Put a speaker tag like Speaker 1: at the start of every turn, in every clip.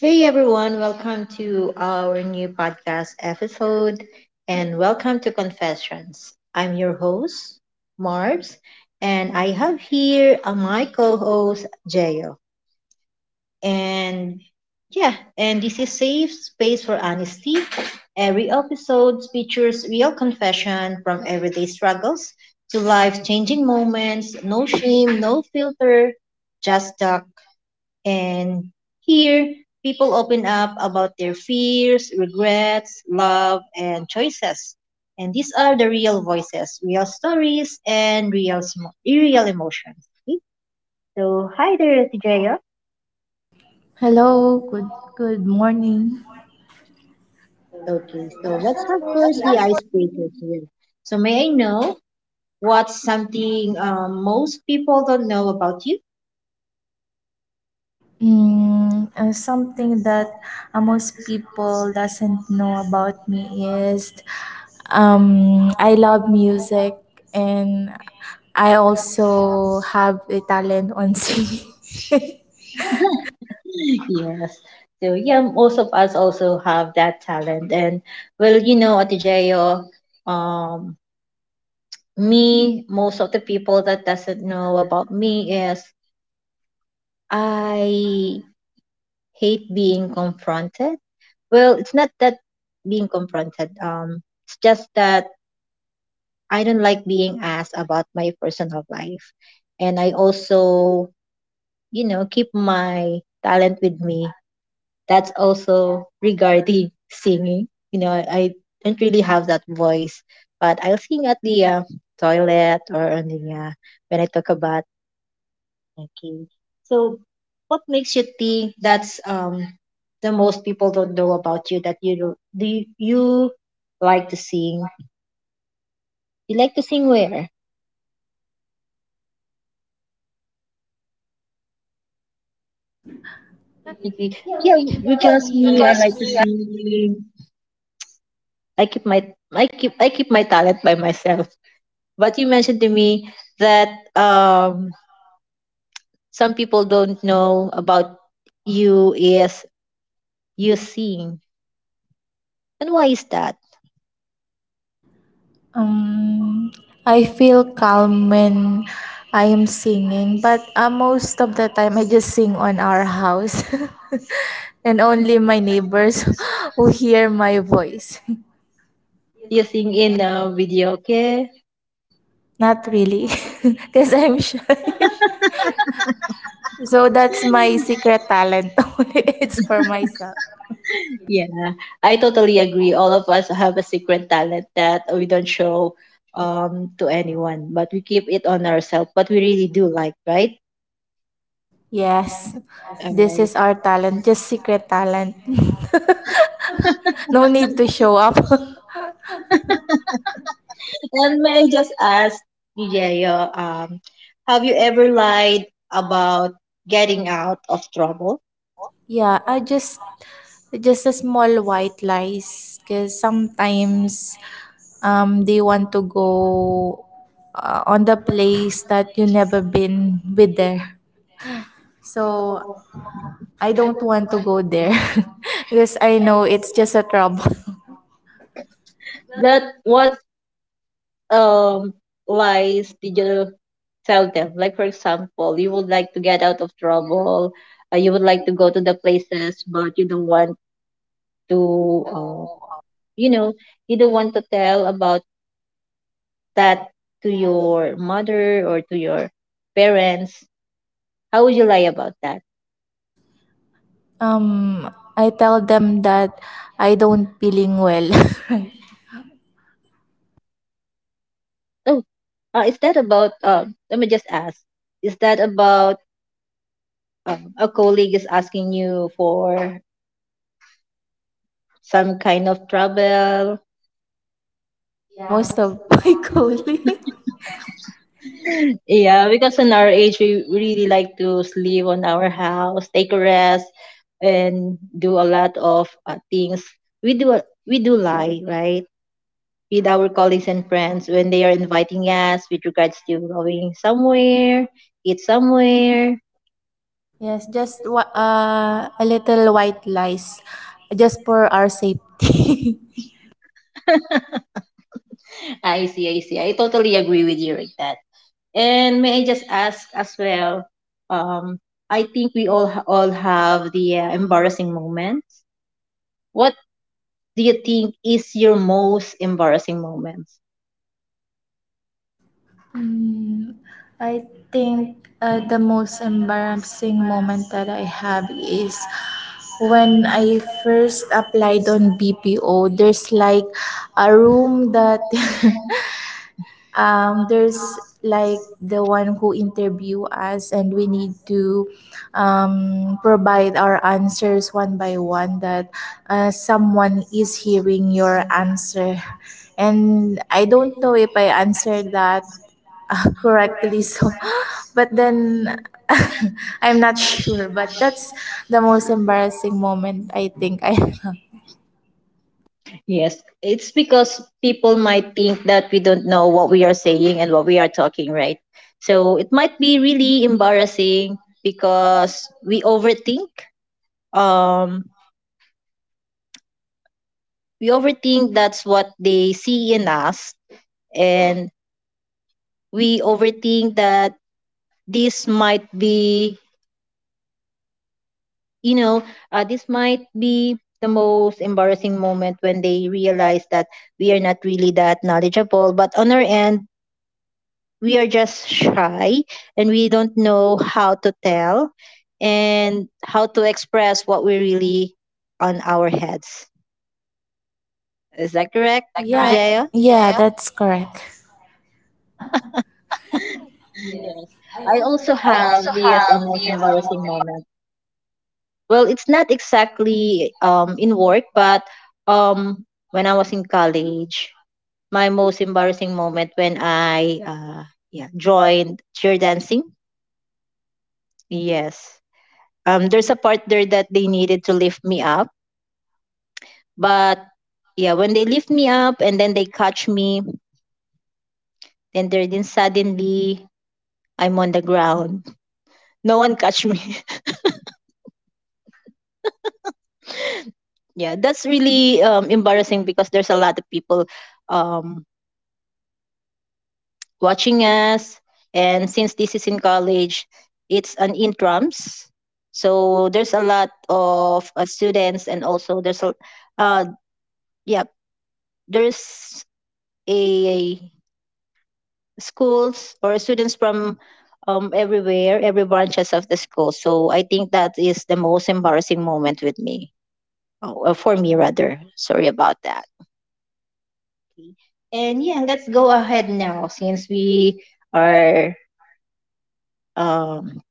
Speaker 1: Hey everyone, welcome to our new podcast episode and welcome to Confessions. I'm your host, Marbs, and I have here my co-host, Jayo. And yeah, and this is safe space for honesty. Every episode features real confession from everyday struggles to life-changing moments, no shame, no filter, just talk and here, people open up about their fears, regrets, love, and choices. And these are the real voices, real stories, and real, real emotions. Okay? So, hi there, TJ.
Speaker 2: Hello, good morning.
Speaker 1: Okay, so let's have first the icebreaker here. So, may I know what's something most people don't know about you?
Speaker 2: Something that most people doesn't know about me is I love music and I also have a talent on singing.
Speaker 1: Yes. So yeah, most of us also have that talent. And well, you know, Atijayo, um, me, most of the people that doesn't know about me is I hate being confronted. Well, it's not that being confronted. It's just that I don't like being asked about my personal life. And I also, you know, keep my talent with me that's also regarding singing. You know, I don't really have that voice, but I'll sing at the toilet or on the when I took a bath. Okay. So, what makes you think that's the most people don't know about you that you like to sing? You like to sing where? Okay. Yeah, because me, I like to sing. I keep my I keep my talent by myself. But you mentioned to me that um some people don't know about you is you sing. And why is that?
Speaker 2: um, I feel calm when I am singing, but most of the time I just sing on our house and only my neighbors who hear my voice.
Speaker 1: You sing in a video, okay?
Speaker 2: Not really. Because I'm shy. So that's my secret talent. Only it's for myself.
Speaker 1: Yeah, I totally agree. All of us have a secret talent that we don't show to anyone, but we keep it on ourselves. But we really do like, right?
Speaker 2: Yes.
Speaker 1: All
Speaker 2: This
Speaker 1: right.
Speaker 2: is our talent. Just secret talent. No need to show up.
Speaker 1: And may I just ask, DJ, have you ever lied about getting out of trouble?
Speaker 2: Yeah, I just a small white lies because sometimes they want to go on the place that you never been with there, so I don't want to go there because I know it's just a trouble.
Speaker 1: That what um lies did you tell them? Like for example, you would like to get out of trouble, you would like to go to the places, but you don't want to, um, you know, you don't want to tell about that to your mother or to your parents. How would you lie about that?
Speaker 2: Um, I tell them that I don't feeling well.
Speaker 1: Oh, is that about? Let me just ask. Is that about a colleague is asking you for some kind of trouble?
Speaker 2: Yeah, most of my colleagues.
Speaker 1: Yeah, because in our age, we really like to sleep on our house, take a rest, and do a lot of things. We do we do lie, right? With our colleagues and friends when they are inviting us with regards to going somewhere, eat somewhere.
Speaker 2: Yes, a little white lies, just for our safety.
Speaker 1: I see, I see. I totally agree with you with that. And may I just ask as well? Um, I think we all have the embarrassing moments. What do you think is your most embarrassing moment?
Speaker 2: Mm, I think the most embarrassing moment that I have is when I first applied on BPO. There's like a room that there's like the one who interview us and we need to provide our answers one by one that someone is hearing your answer and I don't know if I answered that correctly. So, but then I'm not sure. But that's the most embarrassing moment I think I have.
Speaker 1: Yes, it's because people might think that we don't know what we are saying and what we are talking, right? So it might be really embarrassing because we overthink. Um, we overthink that's what they see in us, and we overthink that this might be you know, this might be the most embarrassing moment when they realize that we are not really that knowledgeable. But on our end, we are just shy and we don't know how to tell and how to express what we really on our heads. Is that correct,
Speaker 2: Is that Yeah, correct?
Speaker 1: Jaya?
Speaker 2: Yeah, that's correct.
Speaker 1: Yes. I also
Speaker 2: I
Speaker 1: have
Speaker 2: also
Speaker 1: this
Speaker 2: have
Speaker 1: most
Speaker 2: the most
Speaker 1: embarrassing
Speaker 2: embar-.
Speaker 1: moment. Well, it's not exactly in work, but um, when I was in college. My most embarrassing moment when I yeah joined cheer dancing. Yes. There's a part there that they needed to lift me up, but yeah, when they lift me up and then they catch me, then suddenly I'm on the ground. No one catch me. yeah, that's really embarrassing because there's a lot of people um, watching us. And since this is in college, it's an intrams. So there's a lot of students, and also uh, yeah, there's a schools or students from everywhere, every branches of the school. So I think that is the most embarrassing moment with me, oh, for me rather. Sorry about that. Okay. And yeah, let's go ahead now since we are um,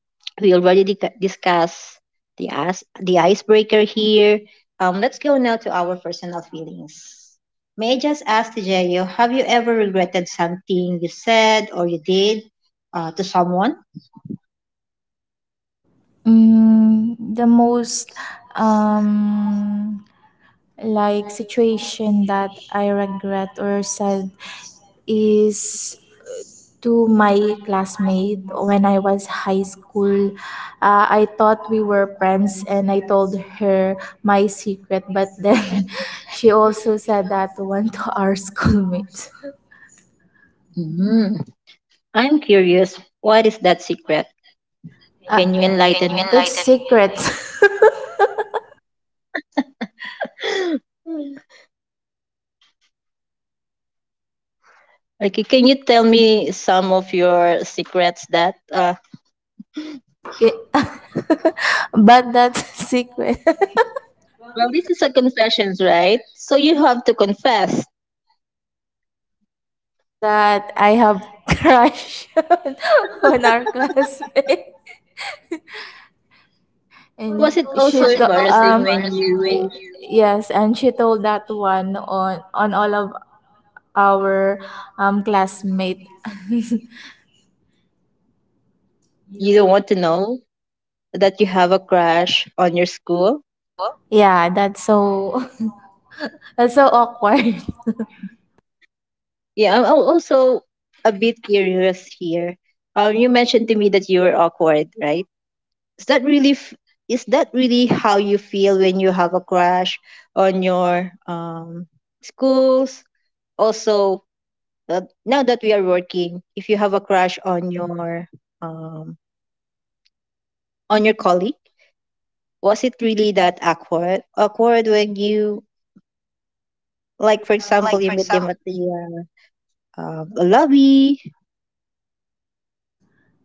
Speaker 1: we already discussed the icebreaker here. Let's go now to our personal feelings. May I just ask Tejeyo, have you ever regretted something you said or you did to someone?
Speaker 2: The most um, like situation that I regret or sad is to my classmate when I was high school. I thought we were friends and I told her my secret, but then she also said that to one to our schoolmate.
Speaker 1: Mm, I'm curious, what is that secret?
Speaker 2: Uh,
Speaker 1: Can you
Speaker 2: Can you it's
Speaker 1: enlighten
Speaker 2: Enlighten me? Secret.
Speaker 1: me? Okay, can you tell me some of your secrets that
Speaker 2: Okay, but that's secret
Speaker 1: well this is a confessions, right? So you have to confess.
Speaker 2: that I have crush on our classmate. And
Speaker 1: Was it
Speaker 2: she
Speaker 1: also
Speaker 2: Also
Speaker 1: embarrassing when
Speaker 2: embarrassing when
Speaker 1: you
Speaker 2: you, yes, and she told that one on all of our classmate
Speaker 1: you don't want to know that you have a crush on your school?
Speaker 2: go? Yeah, that's so that's so awkward.
Speaker 1: Yeah, I'm al- also a bit curious here. You mentioned to me that you were awkward, right? Is that really is that really how you feel when you have a crush on your schools? Also, now that we are working, if you have a crush um, on your colleague, was it really that awkward? Awkward when you like, for example,
Speaker 2: Like for
Speaker 1: you meet
Speaker 2: example,
Speaker 1: him at the lobby.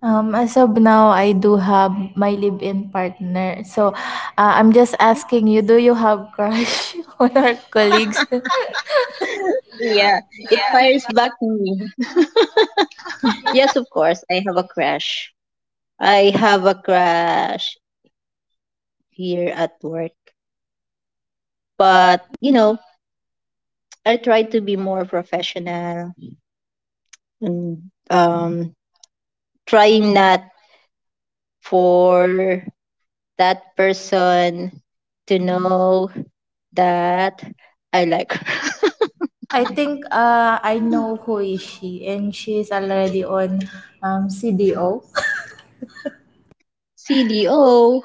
Speaker 2: as of now I do have my live-in partner, so I'm just asking you, do you have crush on our colleagues?
Speaker 1: Yeah, it fires
Speaker 2: Yeah.
Speaker 1: back to me. Yes, of course, I have a crush. I have a crush here at work, but you know, I try to be more professional and um, trying not for that person to know that I like her.
Speaker 2: I think I know who is she and she is already on CDO.
Speaker 1: CDO.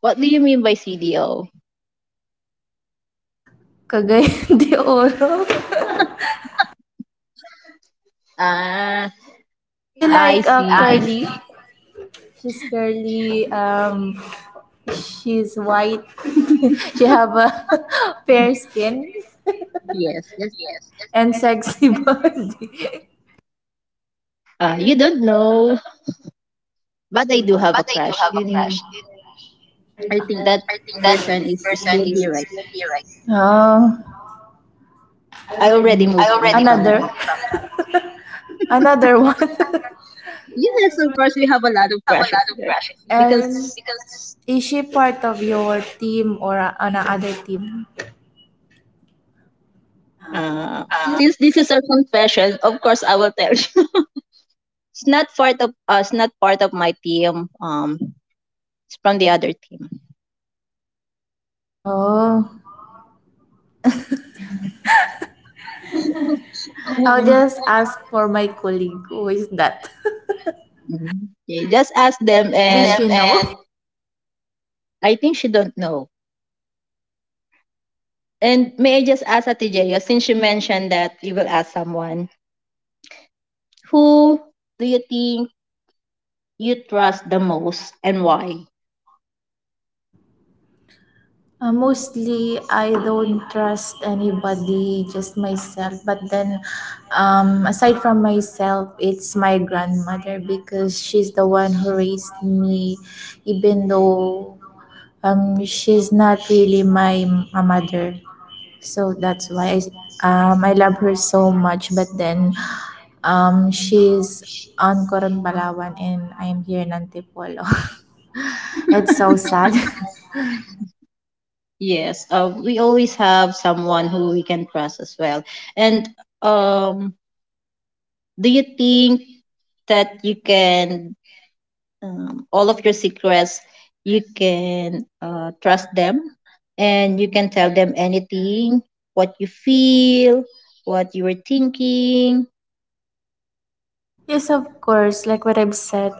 Speaker 1: What do you mean by CDO?
Speaker 2: Cagayan de Oro.
Speaker 1: Ah,
Speaker 2: She
Speaker 1: I
Speaker 2: like
Speaker 1: see.
Speaker 2: curly. She's curly. She's white. She have a fair skin
Speaker 1: Yes, yes.
Speaker 2: and sexy body.
Speaker 1: You don't know, but I do have a
Speaker 2: But I do
Speaker 1: crush.
Speaker 2: have a
Speaker 1: In
Speaker 2: crush.
Speaker 1: I think that
Speaker 2: I think that
Speaker 1: person is
Speaker 2: person
Speaker 1: still
Speaker 2: is
Speaker 1: here, right?
Speaker 2: Nikki, right? Oh,
Speaker 1: I already
Speaker 2: I
Speaker 1: moved
Speaker 2: already
Speaker 1: on from
Speaker 2: moved
Speaker 1: that.
Speaker 2: on from- her. Another one.
Speaker 1: Yes, of course, we have a lot
Speaker 2: We
Speaker 1: of
Speaker 2: have a
Speaker 1: crushes
Speaker 2: lot of
Speaker 1: here
Speaker 2: crushes here. And
Speaker 1: because
Speaker 2: because is she part of your team or on another team?
Speaker 1: uh, since this is a confession, of course, I will tell you. It's not part of us, not part of my team. It's from the other team.
Speaker 2: Oh, I'll
Speaker 1: And,
Speaker 2: just ask for my colleague. Who is that?
Speaker 1: mm, okay, just ask them,
Speaker 2: ask Maybe
Speaker 1: and
Speaker 2: them she them knows.
Speaker 1: I think she don't know. And may I just ask Ate Jeyo, since you mentioned that you will ask someone, who do you think you trust the most and why?
Speaker 2: Mostly, I don't trust anybody, just myself. But then, aside from myself, it's my grandmother because she's the one who raised me, even though she's not really a mother. So that's why I love her so much. But then, she's on Coron Palawan and I'm here in Antipolo. It's so sad.
Speaker 1: Yes, we always have someone who we can trust as well. And um, do you think that you can all of your secrets you can trust them and you can tell them anything what you feel what you were thinking.
Speaker 2: Yes, of course. Like what I've said,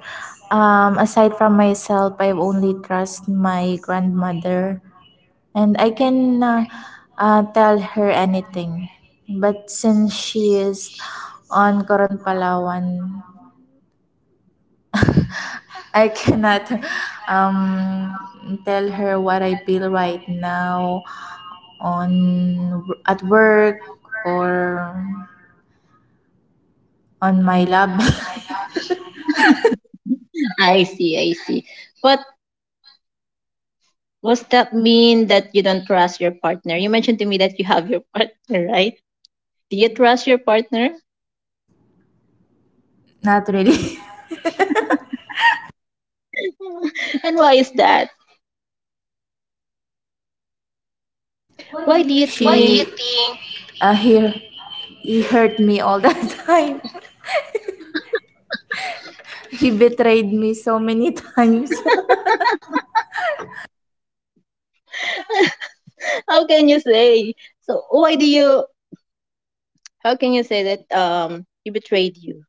Speaker 2: aside from myself, I only trust my grandmother, and I can tell her anything. But since she is on Coron Palawan, I cannot tell her what I feel right now on at work or on my lab.
Speaker 1: I see, I see. But does that mean that you don't trust your partner? You mentioned to me that you have your partner, right? Do you trust your partner?
Speaker 2: Not really.
Speaker 1: and why is that? Why do you
Speaker 2: Why do
Speaker 1: think?
Speaker 2: you He, think? He, he, hurt me all the time. He betrayed me so many times.
Speaker 1: How can you say, so why do you, how can you say that he betrayed you?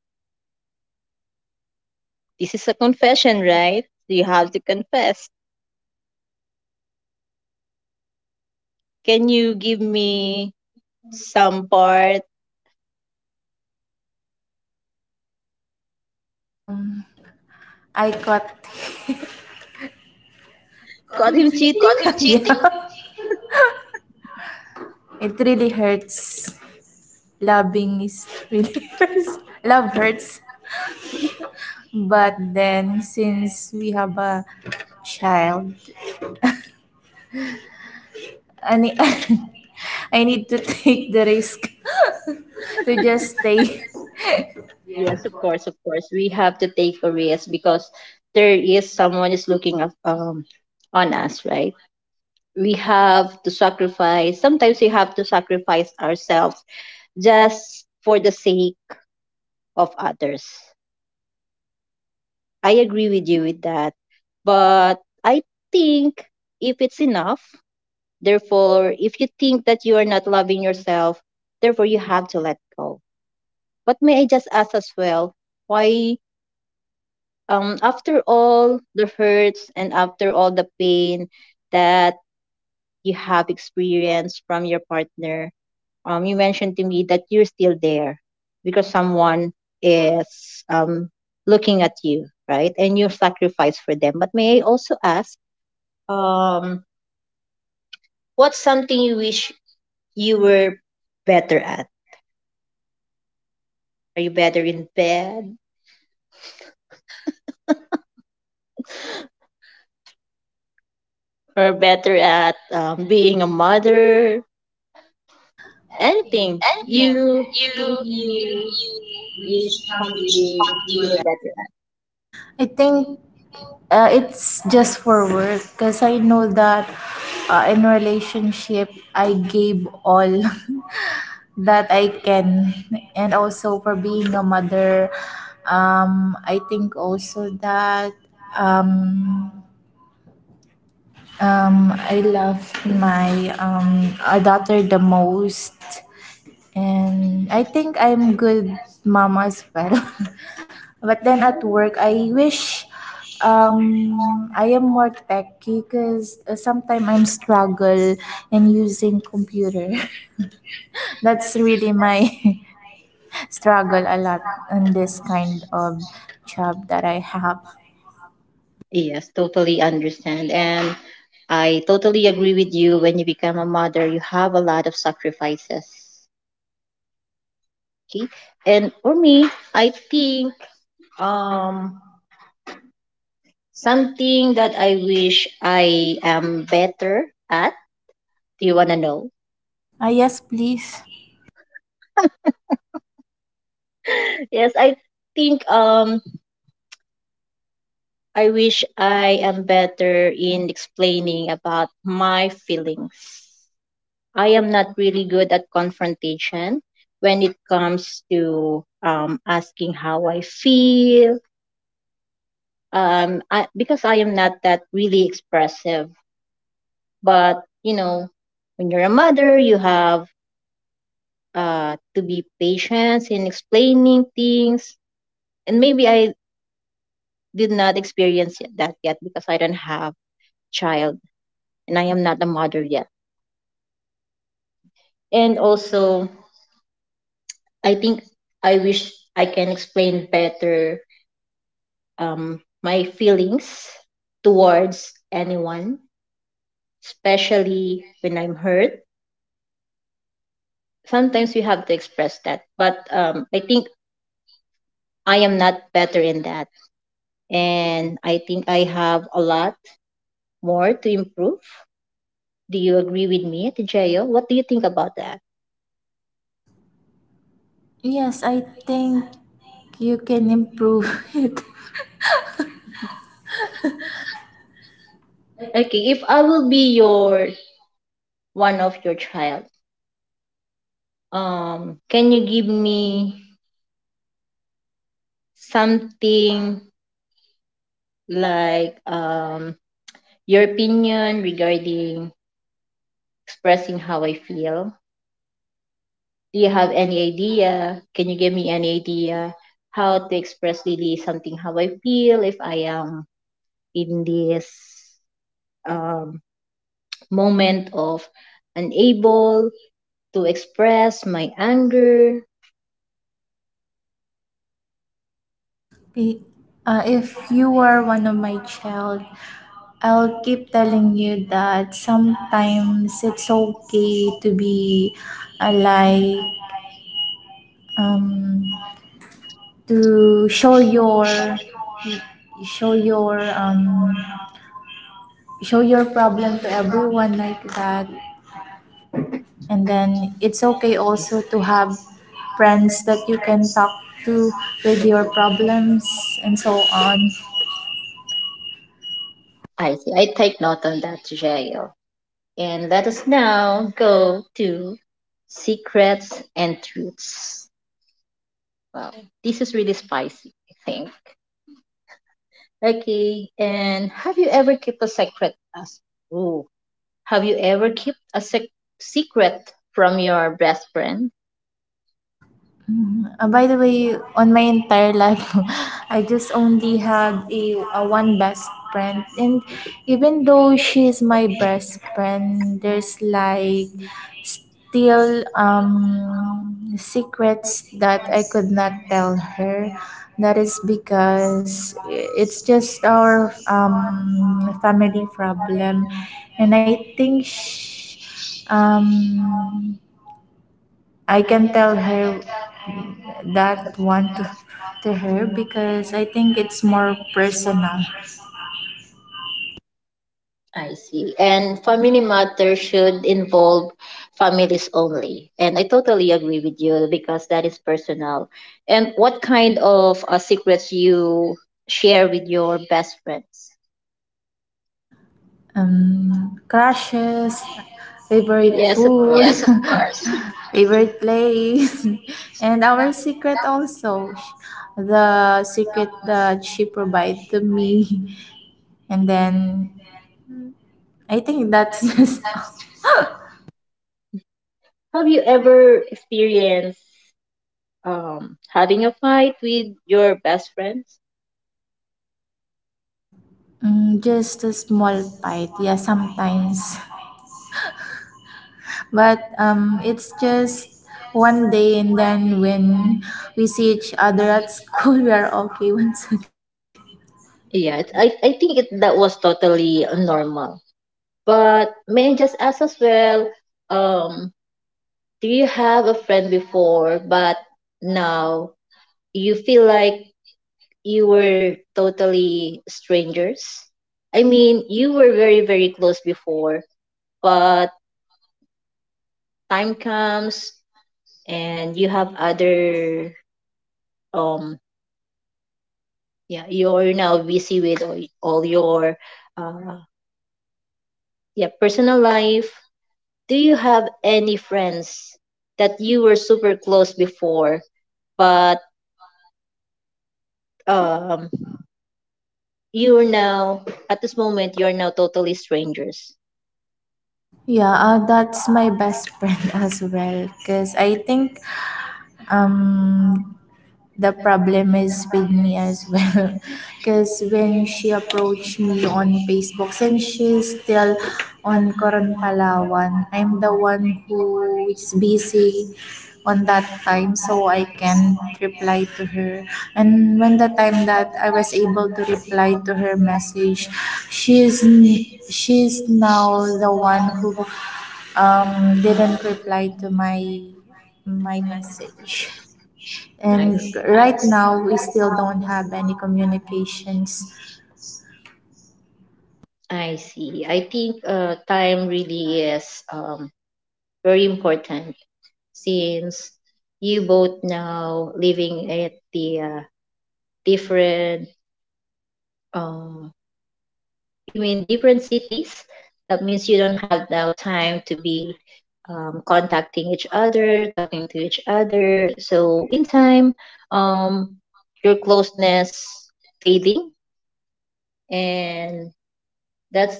Speaker 1: This is a confession, right? You have to confess. Can you give me some part?
Speaker 2: um, I caught.
Speaker 1: Got him
Speaker 2: Got
Speaker 1: cheating?
Speaker 2: him cheating? Yeah. It really hurts. Loving is really hurts. Love hurts. But then, since we have a child, I need, I need to take the risk to just stay.
Speaker 1: Yes, of course, of course. We have to take a risk because there is someone is looking up, on us, right? We have to sacrifice. Sometimes we have to sacrifice ourselves just for the sake of others. I agree with you with that. But I think if it's enough, therefore, if you think that you are not loving yourself, therefore you have to let go. But may I just ask as well, why after all the hurts and after all the pain that you have experienced from your partner, you mentioned to me that you're still there because someone is looking at you, right? And you sacrifice for them. But may I also ask, um, what's something you wish you were better at? Are you better in bed or better at being a mother? Anything
Speaker 2: Anything.
Speaker 1: you think
Speaker 2: You,
Speaker 1: you
Speaker 2: you,
Speaker 1: wish
Speaker 2: you,
Speaker 1: something you were
Speaker 2: you,
Speaker 1: better
Speaker 2: I think it's just for work because I know that in relationship I gave all that I can, and also for being a mother, I think also that um, I love my daughter the most, and I think I'm good mama as well. But then at work, I wish I am more techy because sometimes I'm struggle in using computer. That's really my struggle a lot in this
Speaker 1: at?
Speaker 2: kind of job that I have.
Speaker 1: Yes, totally understand. And I totally agree with you. When you become a mother, you have a lot of sacrifices. Okay. And for me, I think um something that I wish I am better at. Do you wanna know?
Speaker 2: Ah yes, please.
Speaker 1: Yes, I think I wish I am better in explaining about my feelings. I am not really good at confrontation when it comes to asking how I feel. Because I am not that really expressive. But you know, when you're a mother, you have to be patient in explaining things. And maybe I did not experience that yet because I don't have child and I am not a mother yet. And also, I think I wish I can explain better my feelings towards anyone, especially when I'm hurt. Sometimes we have to express that, but I think I am not better in that. And I think I have a lot more to improve. Do you agree with me, Tejayo? What do you think about that?
Speaker 2: Yes, I think you can improve it.
Speaker 1: Okay, if I will be your one of your child, can you give me something like your opinion regarding expressing how I feel. Do you have any idea? Can you give me any idea how to express really something how I feel if I am in this um, moment of unable to express my anger?
Speaker 2: Be- if you were one of my child, I'll keep telling you that sometimes it's okay to be a lie, um, to show your show your show your problem to everyone like that. And then it's okay also to have friends that you can talk to with your problems and so on.
Speaker 1: I see. I take note on that, Jael. And let us now go to secrets and truths. Wow, this is really spicy, I think. Okay, and have you ever kept a secret? Ooh, have you ever kept a secret from your best friend?
Speaker 2: By the way, on my entire life, I just only had a one best friend, and even though she's my best friend, there's like still secrets that I could not tell her. That is because it's just our family problem, and I think. Um I
Speaker 1: I
Speaker 2: can
Speaker 1: can
Speaker 2: tell
Speaker 1: tell.
Speaker 2: her that one to her because I think it's more personal.
Speaker 1: I see. And family matter should involve families only. And I totally agree with you because that is personal. And what kind of secrets you share with your best friends?
Speaker 2: Crushes, favorite
Speaker 1: Yes, of
Speaker 2: food, yes,
Speaker 1: course.
Speaker 2: of course. Favorite place, and our secret also. The secret that she provided to me, and then I think that's just.
Speaker 1: Have you ever experienced having a fight with your best friends?
Speaker 2: Just a small bite, yeah, sometimes. But it's just one day, and then when we see each other at school we are okay once again.
Speaker 1: Yeah, I think that was totally normal. But may I just ask as well, um, do you have a friend before, but now you feel like you were totally strangers? I mean, you were very, very close before, but time comes and you have other, um, yeah, you're now busy with all your, uh, yeah, personal life. Do you have any friends that you were super close before, but um, you're now, at this moment, you're now totally strangers?
Speaker 2: Yeah, that's my best friend as well because I think um, the problem is with me as well because when she approached me on facebook, since she's still on Coron Palawan, I'm the one who is busy on that time so I can reply to her. And when the time that I was able to reply to her message, she's she's now the one who didn't reply to my message.
Speaker 1: I
Speaker 2: And
Speaker 1: see.
Speaker 2: right now we still don't have any communications.
Speaker 1: I see. I think time really is, very important, since you both now living at the, different, um you mean different cities, that means you don't have now time to be, contacting each other, talking to each other, so in time um your closeness fading, and that's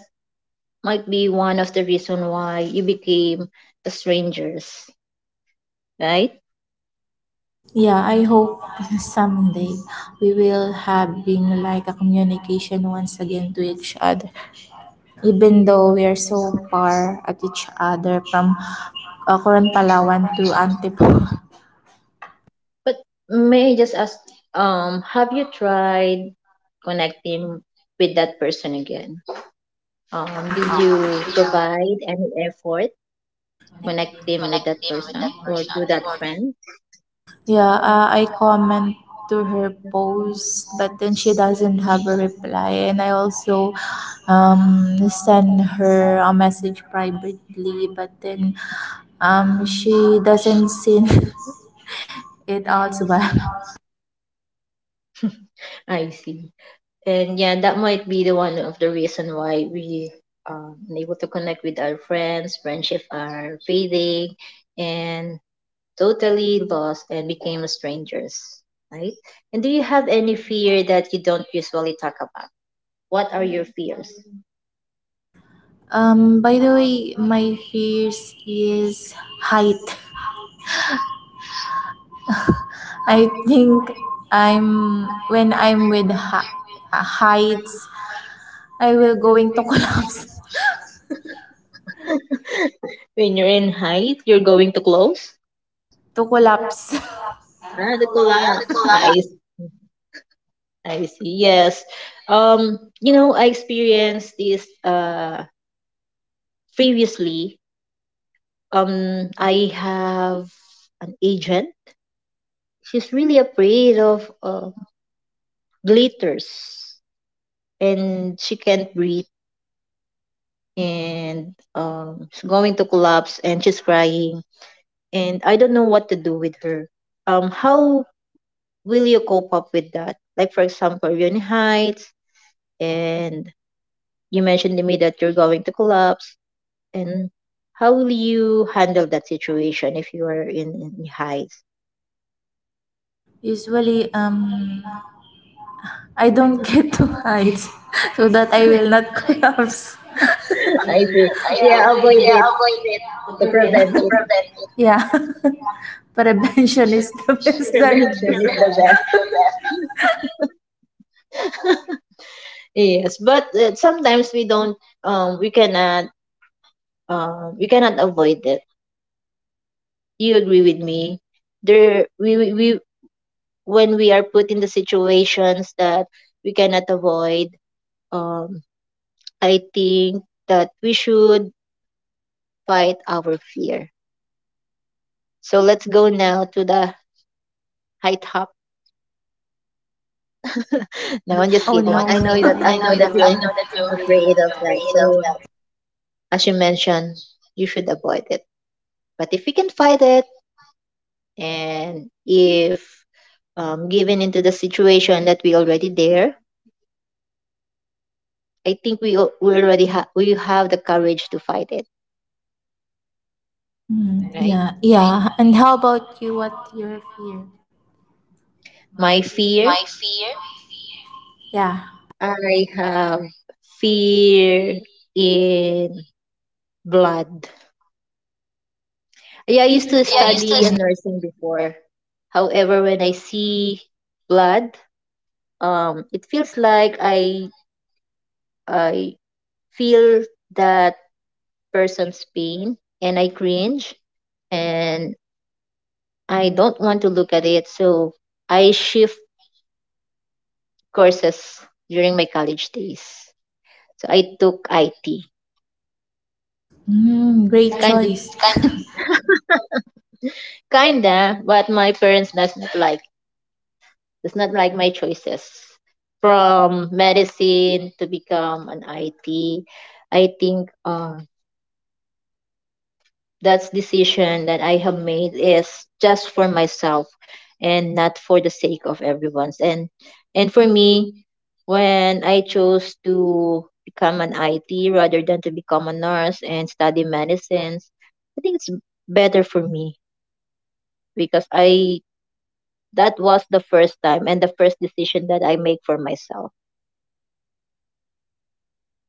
Speaker 1: might be one of the reason why you became strangers, right?
Speaker 2: Yeah, I hope someday we will have being like a communication once again to each other, even though we are so far at each other from Coron Palawan to Antipolo.
Speaker 1: But may I just ask, have you tried connecting with that person again? Did you provide any effort connecting with that
Speaker 2: Connect him with that
Speaker 1: person or
Speaker 2: person
Speaker 1: to that
Speaker 2: or
Speaker 1: friend?
Speaker 2: Yeah, I comment to her post, but then she doesn't have a reply, and I also send her a message privately, but then she doesn't see it out well.
Speaker 1: I see. And yeah, that might be the one of the reason why we unable to connect with our friends, friendship are fading and totally lost and became strangers, right? And do you have any fear that you don't usually talk about? What are your fears?
Speaker 2: By the way, my fears is height. I think I'm when I'm with ha- heights, I will going to collapse.
Speaker 1: When you're in height, you're going to close.
Speaker 2: To
Speaker 1: Ah,
Speaker 2: collapse.
Speaker 1: the collapse I. I see. Yes. You know, I experienced this previously. I have an agent. She's really afraid of glitters, and she can't breathe, and she's going to collapse, and she's crying, and I don't know what to do with her. How will you cope up with that? Like for example, you're in heights, and you mentioned to me that you're going to collapse, and how will you handle that situation if you are in highs?
Speaker 2: Usually, I don't get to heights so that I will not collapse.
Speaker 1: I see.
Speaker 2: I
Speaker 1: Yeah,
Speaker 2: think,
Speaker 1: avoid it
Speaker 2: yeah, avoid
Speaker 1: to
Speaker 2: it
Speaker 1: prevent
Speaker 2: to
Speaker 1: it.
Speaker 2: prevent it. Yeah, prevention is the best than
Speaker 1: Prevention
Speaker 2: cure.
Speaker 1: is the
Speaker 2: Prevent
Speaker 1: best.
Speaker 2: it.
Speaker 1: Yes, but sometimes we don't. We cannot. We cannot avoid it. You agree with me? There, we when we are put in the situations that we cannot avoid. Um, I think that we should fight our fear. So let's go now to the high top. No, I'm just
Speaker 2: Oh no,
Speaker 1: kidding.
Speaker 2: no.
Speaker 1: I
Speaker 2: Just
Speaker 1: know that
Speaker 2: kidding. I
Speaker 1: you're
Speaker 2: know that you
Speaker 1: afraid of
Speaker 2: you're
Speaker 1: that.
Speaker 2: afraid of
Speaker 1: So
Speaker 2: that.
Speaker 1: as you mentioned, you should avoid it. But if you can fight it, and if given into the situation that we already there, I think we already have, we have the courage to fight it.
Speaker 2: Mm, right?
Speaker 1: Right?
Speaker 2: Yeah, right? Yeah. And how about you? What your fear?
Speaker 1: My fear,
Speaker 2: My fear? Yeah.
Speaker 1: I have fear in blood. Yeah, I used to
Speaker 2: Yeah, I used
Speaker 1: study a
Speaker 2: to.
Speaker 1: nursing before. However, when I see blood, it feels like I feel that person's pain, and I cringe, and I don't want to look at it. So I shift courses during my college days. So I took IT.
Speaker 2: Mm,
Speaker 1: It's
Speaker 2: great choice. Kind of.
Speaker 1: kinda, but my parents doesn't like. It's not like my choices. From medicine to become an IT, I think that's decision that I have made is just for myself and not for the sake of everyone's. And for me, when I chose to become an IT rather than to become a nurse and study medicines, I think it's better for me because I that was the first time and the first decision that I make for myself.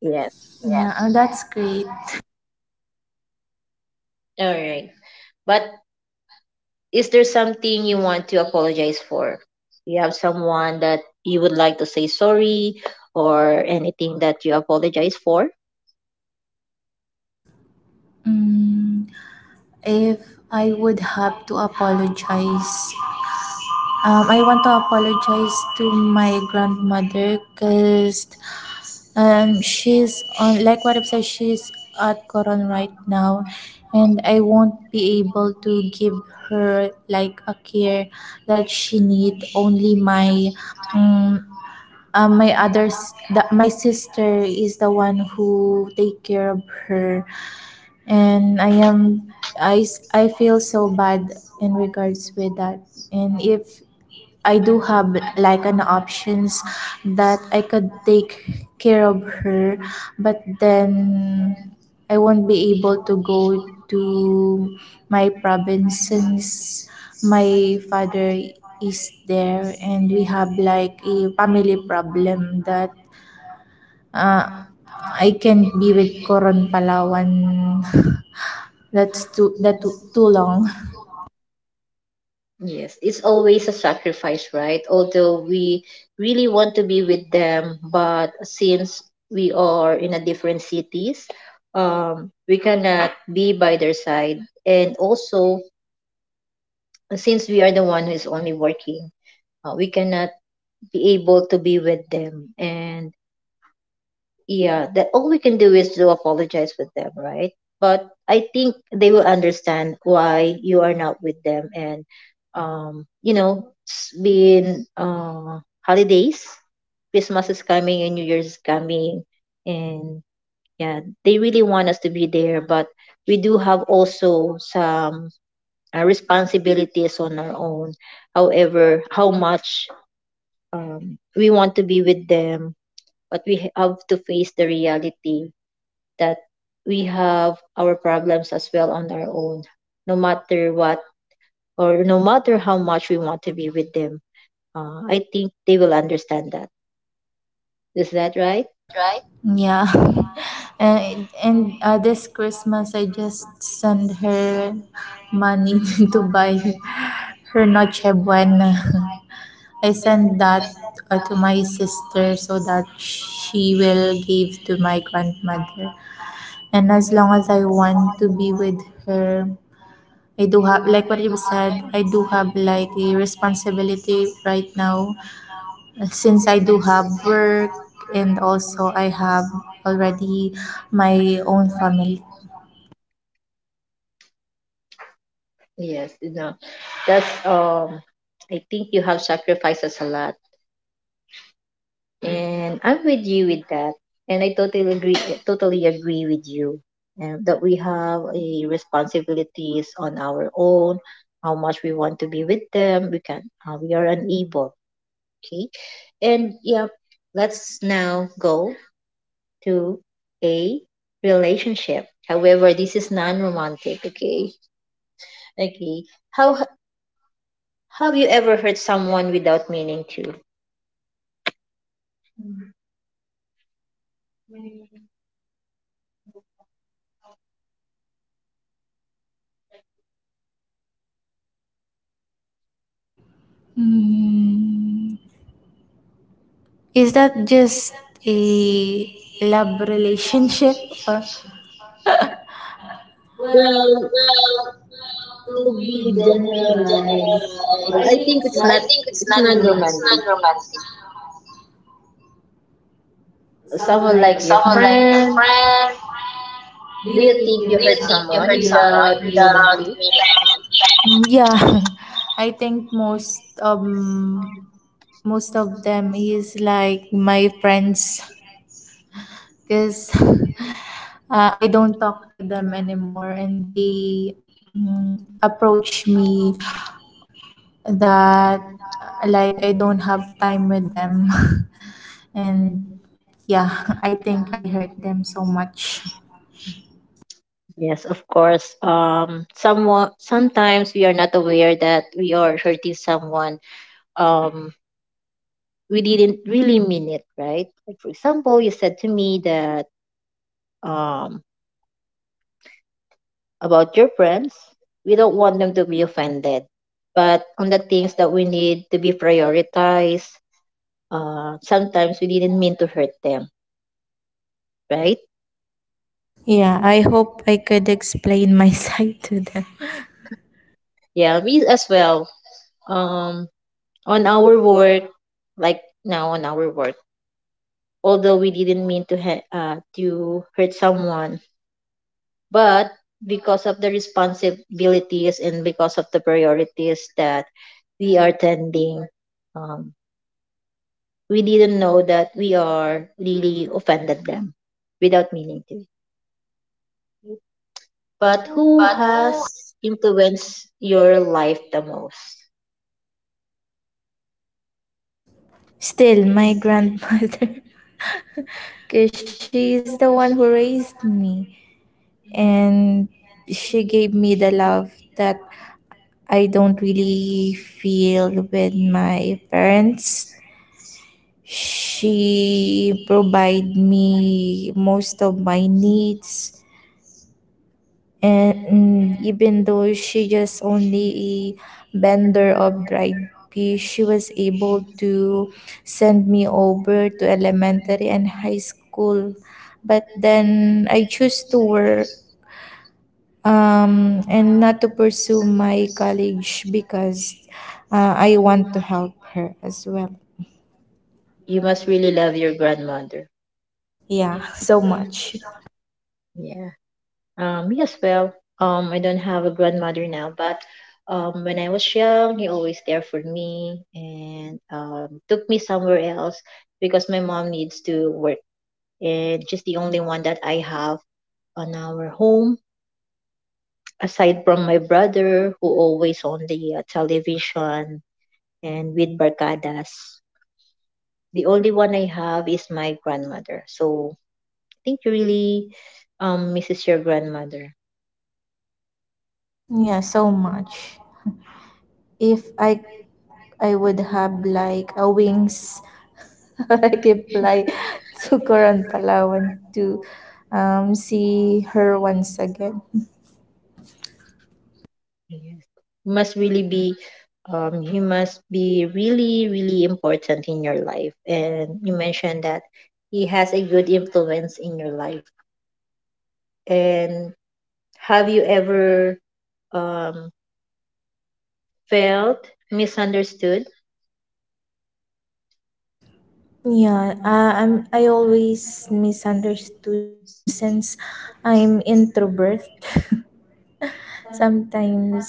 Speaker 1: Yes.
Speaker 2: Yeah. Yeah, oh, that's great.
Speaker 1: All right. But is there something you want to apologize for? Do you have someone that you would like to say sorry or anything that you apologize for?
Speaker 2: Mm, if I would have to apologize. I want to apologize to my grandmother because she's on, like what I've said, she's at Coron right now and I won't be able to give her like a care that she need. Only my um, my sister is the one who take care of her, and I am I, s- i feel so bad in regards with that. And if I do have like an options that I could take care of her, but then I won't be able to go to my province since my father is there and we have like a family problem that uh, I can't be with Coron Palawan. That's too long.
Speaker 1: Yes, it's always a sacrifice, right? Although we really want to be with them, but since we are in a different cities, we cannot be by their side. And also, since we are the one who is only working, we cannot be able to be with them. And yeah, that all we can do is to apologize with them, right? But I think they will understand why you are not with them. And you know, it's been holidays, Christmas is coming and New Year's is coming, and yeah, they really want us to be there, but we do have also some responsibilities on our own. However, how much we want to be with them, but we have to face the reality that we have our problems as well on our own, no matter what or no matter how much we want to be with them. I think they will understand that. Is that right?
Speaker 2: That right? Yeah. And this Christmas I just send her money to buy her Noche Buena. I send that to my sister so that she will give to my grandmother. And as long as I want to be with her, I do have, like what you said, I do have like a responsibility right now since I do have work and also I have already my own family.
Speaker 1: Yes, you know, that's I think you have sacrifices a lot, and I'm with you with that, and I totally agree with you, and that we have a responsibilities on our own, how much we want to be with them, we can, we are unable. Okay. And yeah, let's now go to a relationship. However, this is non-romantic, okay? Okay. How, have you ever hurt someone without meaning to?
Speaker 2: Mm, is that just a love relationship or?
Speaker 1: Well,
Speaker 2: Well,
Speaker 1: to be
Speaker 2: in general,
Speaker 1: generalized, well,
Speaker 2: I
Speaker 1: I think it's not
Speaker 2: think
Speaker 1: it's
Speaker 2: it's not
Speaker 1: non-romantic.
Speaker 2: romantic.
Speaker 1: Someone like your
Speaker 2: Someone like your
Speaker 1: friend.
Speaker 2: friend,
Speaker 1: Do you
Speaker 2: do
Speaker 1: think
Speaker 2: you
Speaker 1: you hurt
Speaker 2: think you
Speaker 1: someone
Speaker 2: hurt someone
Speaker 1: without meaning
Speaker 2: without
Speaker 1: to?
Speaker 2: meaning to? Mm, yeah, I think most of them is like my friends because I don't talk to them anymore, and they approach me that like I don't have time with them and yeah I think I hurt them so much.
Speaker 1: Yes, of course. Someone sometimes we are not aware that we are hurting someone, um we didn't really mean it, right? Like for example, you said to me that um about your friends, we don't want them to be offended, but on the things that we need to be prioritized, sometimes we didn't mean to hurt them, right?
Speaker 2: Yeah, I hope I could explain my side to them.
Speaker 1: Yeah, me as well, um on our work, like now on our work, although we didn't mean to to hurt someone, but because of the responsibilities and because of the priorities that we are tending, um, we didn't know that we are really offended them without meaning to. But who
Speaker 2: But who...
Speaker 1: has influenced your life the most?
Speaker 2: Still, my grandmother, because she's the one who raised me, and she gave me the love that I don't really feel with my parents. She provide me most of my needs. And even though she just only a vendor of dried fish, she was able to send me over to elementary and high school. But then I choose to work, and not to pursue my college because I want to help her as well.
Speaker 1: You must really love your grandmother.
Speaker 2: Yeah,
Speaker 1: Yeah.
Speaker 2: so much.
Speaker 1: Me as well. I don't have a grandmother now, but when I was young, he always there for me and took me somewhere else because my mom needs to work. And just the only one that I have on our home, aside from my brother, who always on the television and with barcadas. The only one I have is my grandmother. So think you really misses your grandmother.
Speaker 2: Yeah, so much. If I would
Speaker 1: Yes.
Speaker 2: have like a wings, I could fly to Coron Palawan to see her once again.
Speaker 1: You must really be you must be really, really important in your life. And you mentioned that he has a good influence in your life. And have you ever um felt misunderstood?
Speaker 2: Yeah, I always misunderstood since I'm introvert. Sometimes,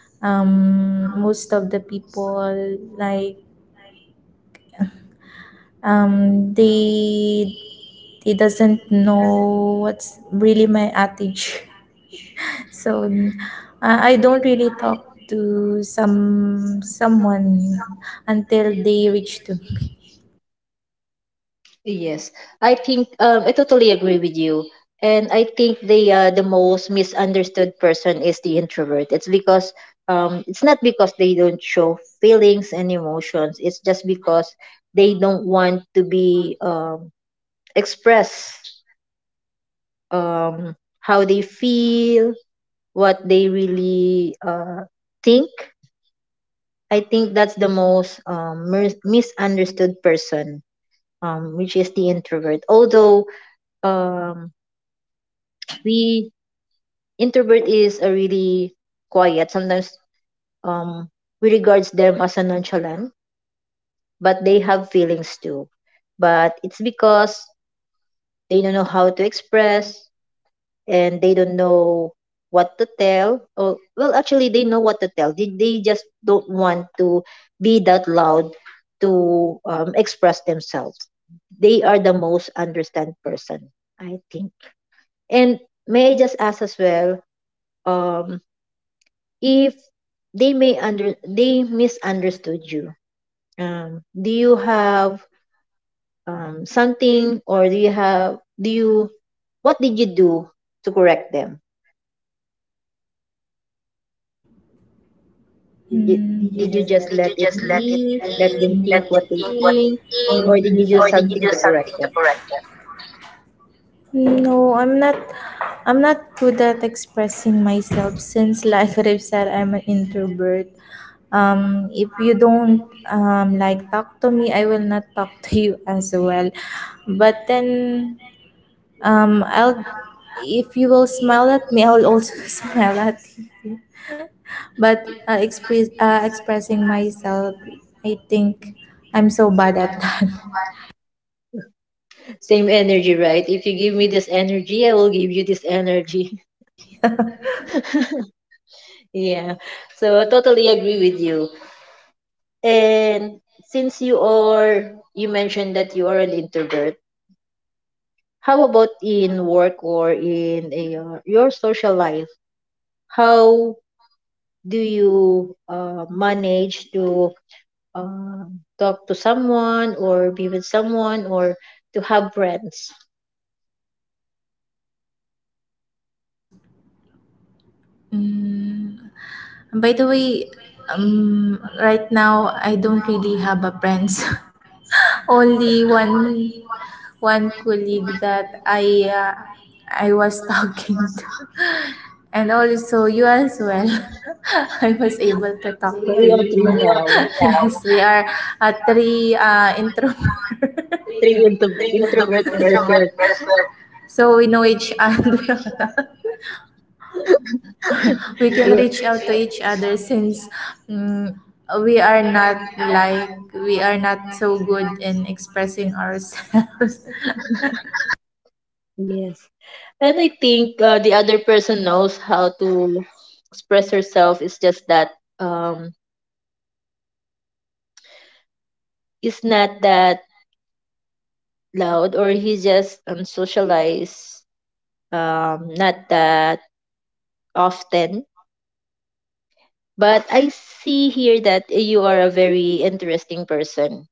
Speaker 2: most of the people, like... Um, they they doesn't know what's really my attitude. So I don't really talk to someone until they reach to me.
Speaker 1: Yes, I think I totally agree with you, and I think the most misunderstood person is the introvert. It's because it's not because they don't show feelings and emotions. It's just because they don't want to be express how they feel, what they really think. I think that's the most misunderstood person, which is the introvert. Although um we introvert is a really quiet sometimes, um we regards them as a nonchalant, but they have feelings too, but it's because they don't know how to express, and they don't know what to tell, or well, actually they know what to tell, they just don't want to be that loud to express themselves. They are the most understand person, I think. And may I just ask as well, um if they may under they misunderstood you, do you have something, or do you have, do you, what did you do to correct them?
Speaker 2: Did...
Speaker 1: did, did you just
Speaker 2: Mm. Did
Speaker 1: let
Speaker 2: you
Speaker 1: it
Speaker 2: just let... did you
Speaker 1: be,
Speaker 2: it just be? Let
Speaker 1: let
Speaker 2: it
Speaker 1: them
Speaker 2: be,
Speaker 1: think
Speaker 2: let
Speaker 1: what
Speaker 2: them
Speaker 1: they
Speaker 2: think what
Speaker 1: think,
Speaker 2: they
Speaker 1: or did you do
Speaker 2: think, or did you
Speaker 1: something
Speaker 2: do
Speaker 1: to correct
Speaker 2: something to
Speaker 1: them?
Speaker 2: correct them? No, I'm not... I'm not good at expressing myself since like what I've said, I'm an introvert. If you don't like talk to me, I will not talk to you as well. But then I'll if you will smile at me, I'll also smile at you. But expressing myself, I think I'm so bad at that.
Speaker 1: Same energy, right? If you give me this energy, I will give you this energy. Yeah, so I totally agree with you. And since you mentioned that you are an introvert, how about in work or in a, your social life? How do you manage to uh, talk to someone or be with someone or to have friends?
Speaker 2: Mm, by the way, right now I don't really have a friends. Only one colleague that I was talking to. And also you as well. I was able to talk
Speaker 1: So
Speaker 2: to
Speaker 1: we are
Speaker 2: you.
Speaker 1: three now.
Speaker 2: Yes, we are three introvert. Thank you, the
Speaker 1: Introvert
Speaker 2: introvert
Speaker 1: person.
Speaker 2: person. So we know each other. We can
Speaker 1: Yeah.
Speaker 2: reach out to each other since, mm, we are not like... we are not so good in expressing ourselves.
Speaker 1: Yes. And I think the other person knows how to express herself. It's just that um, it's not that loud, or he just socialize not that often. But I see here that you are a very interesting person.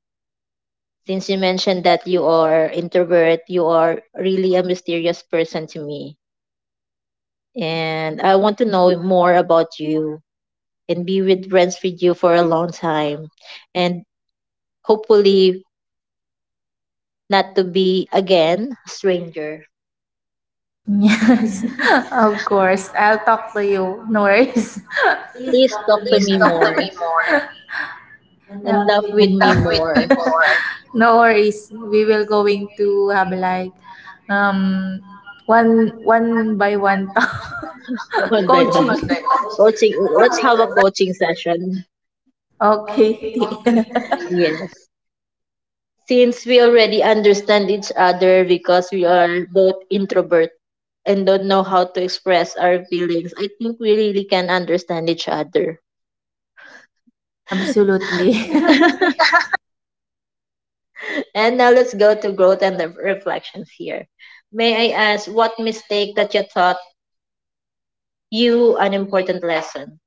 Speaker 1: Since you mentioned that you are introvert, you are really a mysterious person to me, and I want to know more about you and be with friends with you for a long time, and hopefully not to be again a stranger.
Speaker 2: Yes, of course I'll talk to you, no worries.
Speaker 1: Please talk to
Speaker 2: Please
Speaker 1: me
Speaker 2: talk to me
Speaker 1: more
Speaker 2: more.
Speaker 1: and
Speaker 2: Yeah.
Speaker 1: laugh with
Speaker 2: And
Speaker 1: me
Speaker 2: talk with me
Speaker 1: more.
Speaker 2: more. No worries, we will going to have like um one one by one talk,
Speaker 1: One by
Speaker 2: coaching.
Speaker 1: one.
Speaker 2: One by one.
Speaker 1: Coaching. Let's
Speaker 2: Coaching.
Speaker 1: have a coaching session.
Speaker 2: Okay, di.
Speaker 1: Yes. Since we already understand each other because we are both introvert and don't know how to express our feelings, I think we really can understand each other.
Speaker 2: Absolutely.
Speaker 1: And now let's go to growth and the reflections here. May I ask what mistake that you taught you an important lesson?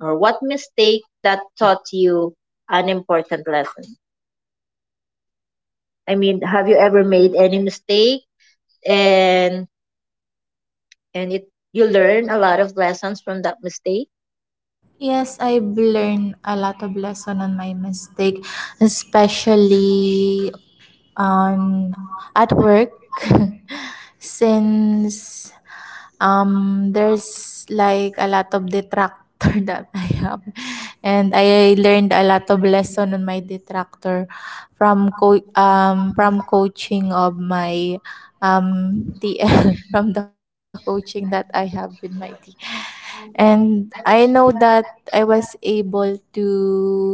Speaker 1: Or what mistake that taught you an important lesson? I mean, have you ever made any mistake? and and it, you learn a lot of lessons from that mistake.
Speaker 2: Yes, I've learned a lot of lesson on my mistake, especially on... at work, since there's like a lot of detractor that I have, and I learned a lot of lesson on my detractor from from coaching of my TL from the coaching that I have with my TL. And I know that I was able to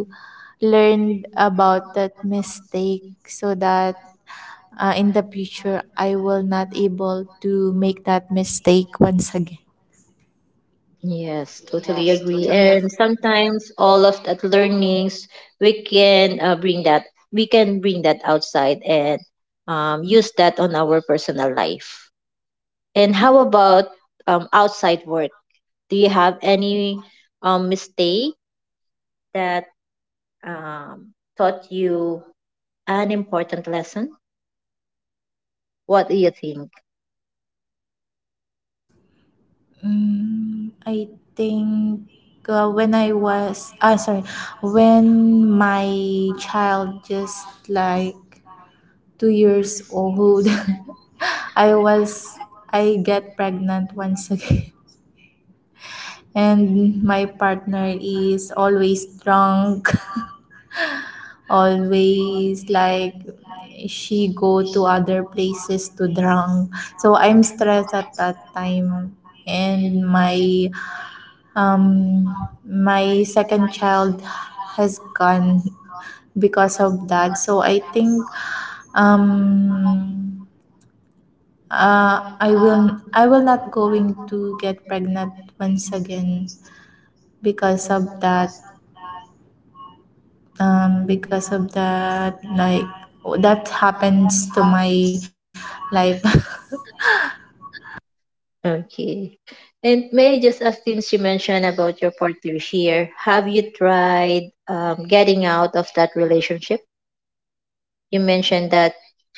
Speaker 2: learn about that mistake so that in the future I will not able to make that mistake once again.
Speaker 1: Yes, totally
Speaker 2: Yes,
Speaker 1: agree.
Speaker 2: totally agree.
Speaker 1: And sometimes all of that learnings, we can bring that we can bring that outside and use that on our personal life. And how about outside work, do you have any mistake that taught you an important lesson? What do you think?
Speaker 2: Mm, I think when I was ah, sorry, when my child just like 2 years old, I was... I get pregnant once again, and my partner is always drunk, always like, she go to other places to drunk. So I'm stressed at that time, and my um my second child has gone because of that. So I think, um I will not going to get pregnant once again because of that, because of that, like that happens to my life.
Speaker 1: Okay. And may I just ask, since you mentioned about your partner here, have you tried getting out of that relationship? You mentioned that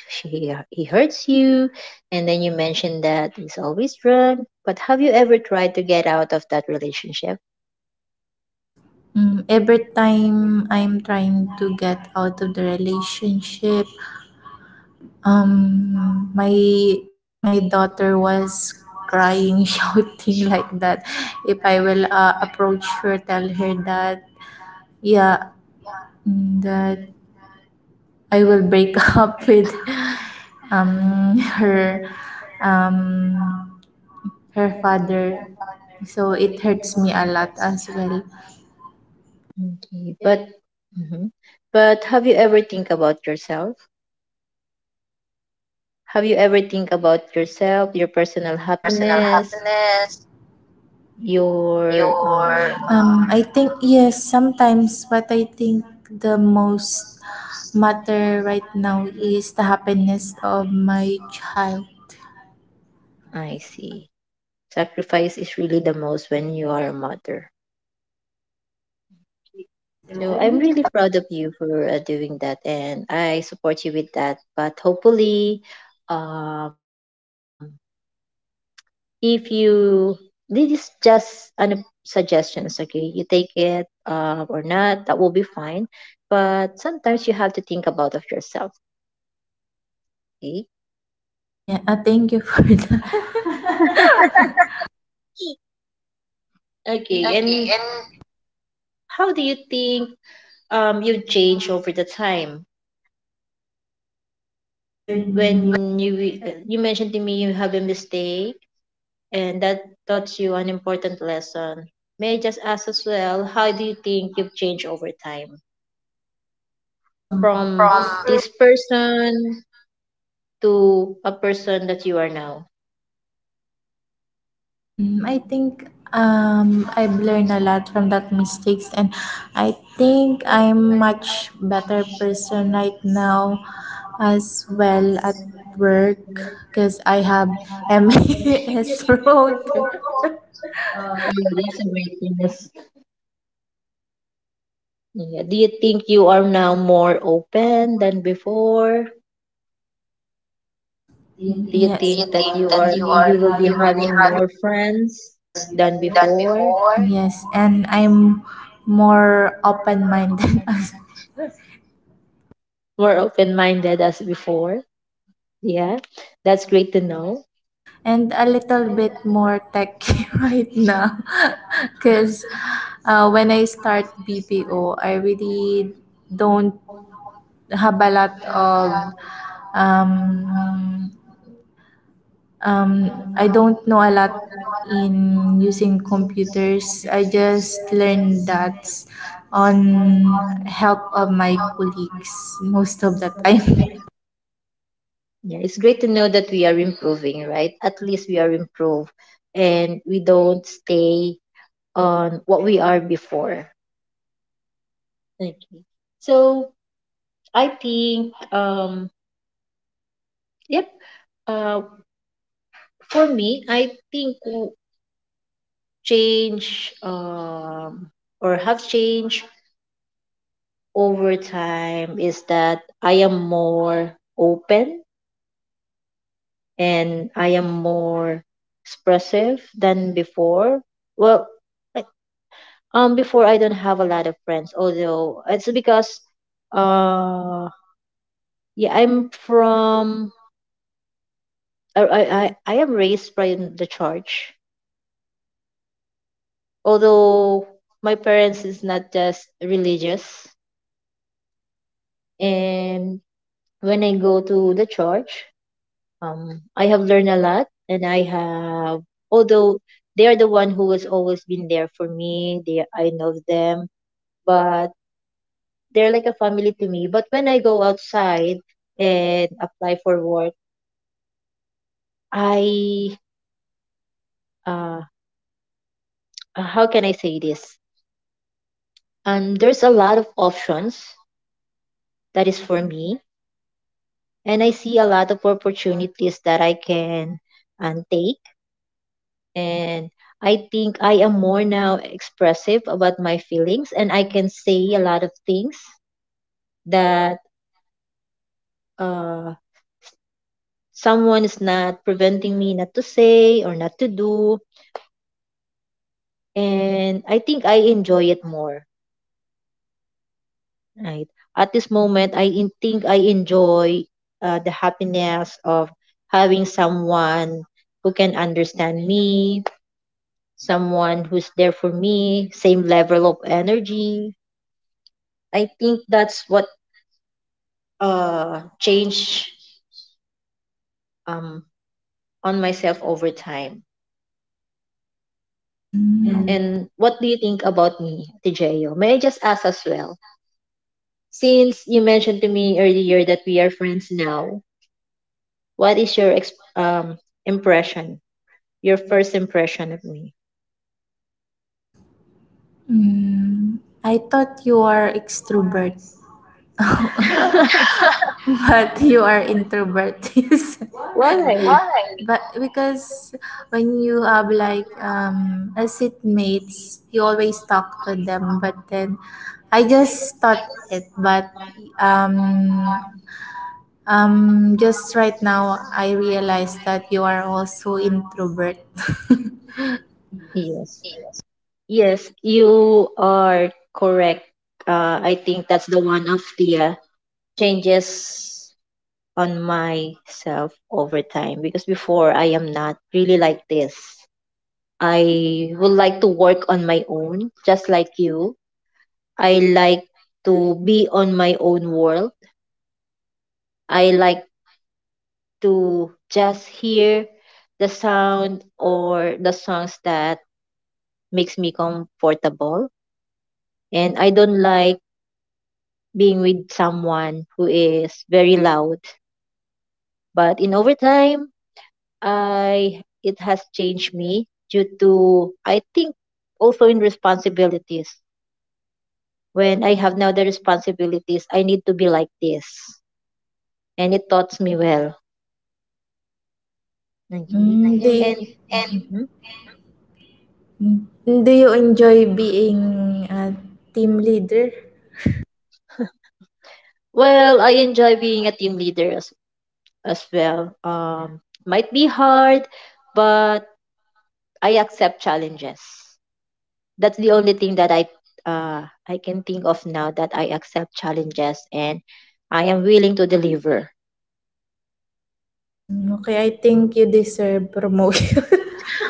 Speaker 1: he hurts you, and then you mentioned that he's always drunk. But have you ever tried to get out of that relationship?
Speaker 2: Mm, every time I'm trying to get out of the relationship, Um, my my daughter was crying, shouting like that. If I will approach her, tell her that, yeah, that I will break up with her, um her father. So it hurts me a lot as well.
Speaker 1: Okay. But, mhm. But have you ever think about yourself? Have you ever think about yourself, your personal
Speaker 2: Personal
Speaker 1: happiness,
Speaker 2: happiness,
Speaker 1: your
Speaker 2: your...
Speaker 1: um,
Speaker 2: I think yes, sometimes, but I think the most matter right now is the happiness of my child.
Speaker 1: I see. Sacrifice is really the most when you are a mother. So I'm really proud of you for doing that, and I support you with that. But hopefully, um, if you, this is just an suggestions, okay? You take it or not, that will be fine. But sometimes you have to think about of yourself, okay?
Speaker 2: Yeah, thank you for that.
Speaker 1: Okay, and
Speaker 2: Okay, and...
Speaker 1: how do you think you change over the time? When you mentioned to me you have a mistake, and that taught you an important lesson. May I just ask as well, how do you think you've changed over time from
Speaker 2: from...
Speaker 1: this person to a person that you are now?
Speaker 2: Mm, I think I've learned a lot from that mistakes, and I think I'm much better person right now, as well at work, because I have MES promoter.
Speaker 1: Oh, that's a great thing. Yes. Yeah. Do you think you are now more open than before? Do you
Speaker 2: Yes. Do yes.
Speaker 1: think
Speaker 2: You
Speaker 1: that
Speaker 2: think that you are...
Speaker 1: you will be
Speaker 2: you will be
Speaker 1: having
Speaker 2: having
Speaker 1: more friends than
Speaker 2: done
Speaker 1: before?
Speaker 2: before? Yes, and I'm more open-minded as well.
Speaker 1: More open-minded as before? Yeah, that's great to know.
Speaker 2: And a little bit more techy right now because when I start BPO, I really don't have a lot of um, I don't know a lot in using computers. I just learned that on help of my colleagues most of the time.
Speaker 1: Yeah, it's great to know that we are improving, right? At least we are improved, and we don't stay on what we are before. Okay. So I think yep, uh for me I think change or have changed over time is that I am more open and I am more expressive than before. Well, I- before I don't have a lot of friends, although it's because, uh, yeah, I am raised by the church, although my parents is not just religious. And when I go to the church, I have learned a lot, and I have, although they are the one who has always been there for me. They, I know them, but they're like a family to me. But when I go outside and apply for work, I, uh, how can I say this? There's a lot of options that is for me, and I see a lot of opportunities that I can take. And I think I am more now expressive about my feelings, and I can say a lot of things that uh, someone is not preventing me not to say or not to do. And I think I enjoy it more right at this moment. I think I enjoy the happiness of having someone who can understand me, someone who's there for me, same level of energy. I think that's what change um on myself over time.
Speaker 2: Mm.
Speaker 1: And what do you think about me, Tijeo? May I just ask as well? Since you mentioned to me earlier that we are friends now, what is your impression? Your first impression of me?
Speaker 2: Mm. I thought you are extrovert. But you are introvert.
Speaker 1: Why?
Speaker 2: Why? But because when you have like a seatmates, you always talk to them, but then I just thought it, but um just right now I realized that you are also introvert.
Speaker 1: Yes.
Speaker 2: Yes.
Speaker 1: Yes, you are correct. I think that's the one of the changes on myself over time, because before I am not really like this. I would like to work on my own, just like you. I like to be on my own world. I like to just hear the sound or the songs that makes me comfortable. And I don't like being with someone who is very loud. But in overtime, I it has changed me due to I think also in responsibilities. When I have now the responsibilities, I need to be like this, and it taught me well. Okay,
Speaker 2: Mm, do you...
Speaker 1: and
Speaker 2: and
Speaker 1: mhm.
Speaker 2: do you enjoy being a team leader?
Speaker 1: Well, I enjoy being a team leader as well. Might be hard, but I accept challenges. That's the only thing that I can think of now, that I accept challenges and I am willing to deliver.
Speaker 2: Mm, okay, I think you deserve promotion.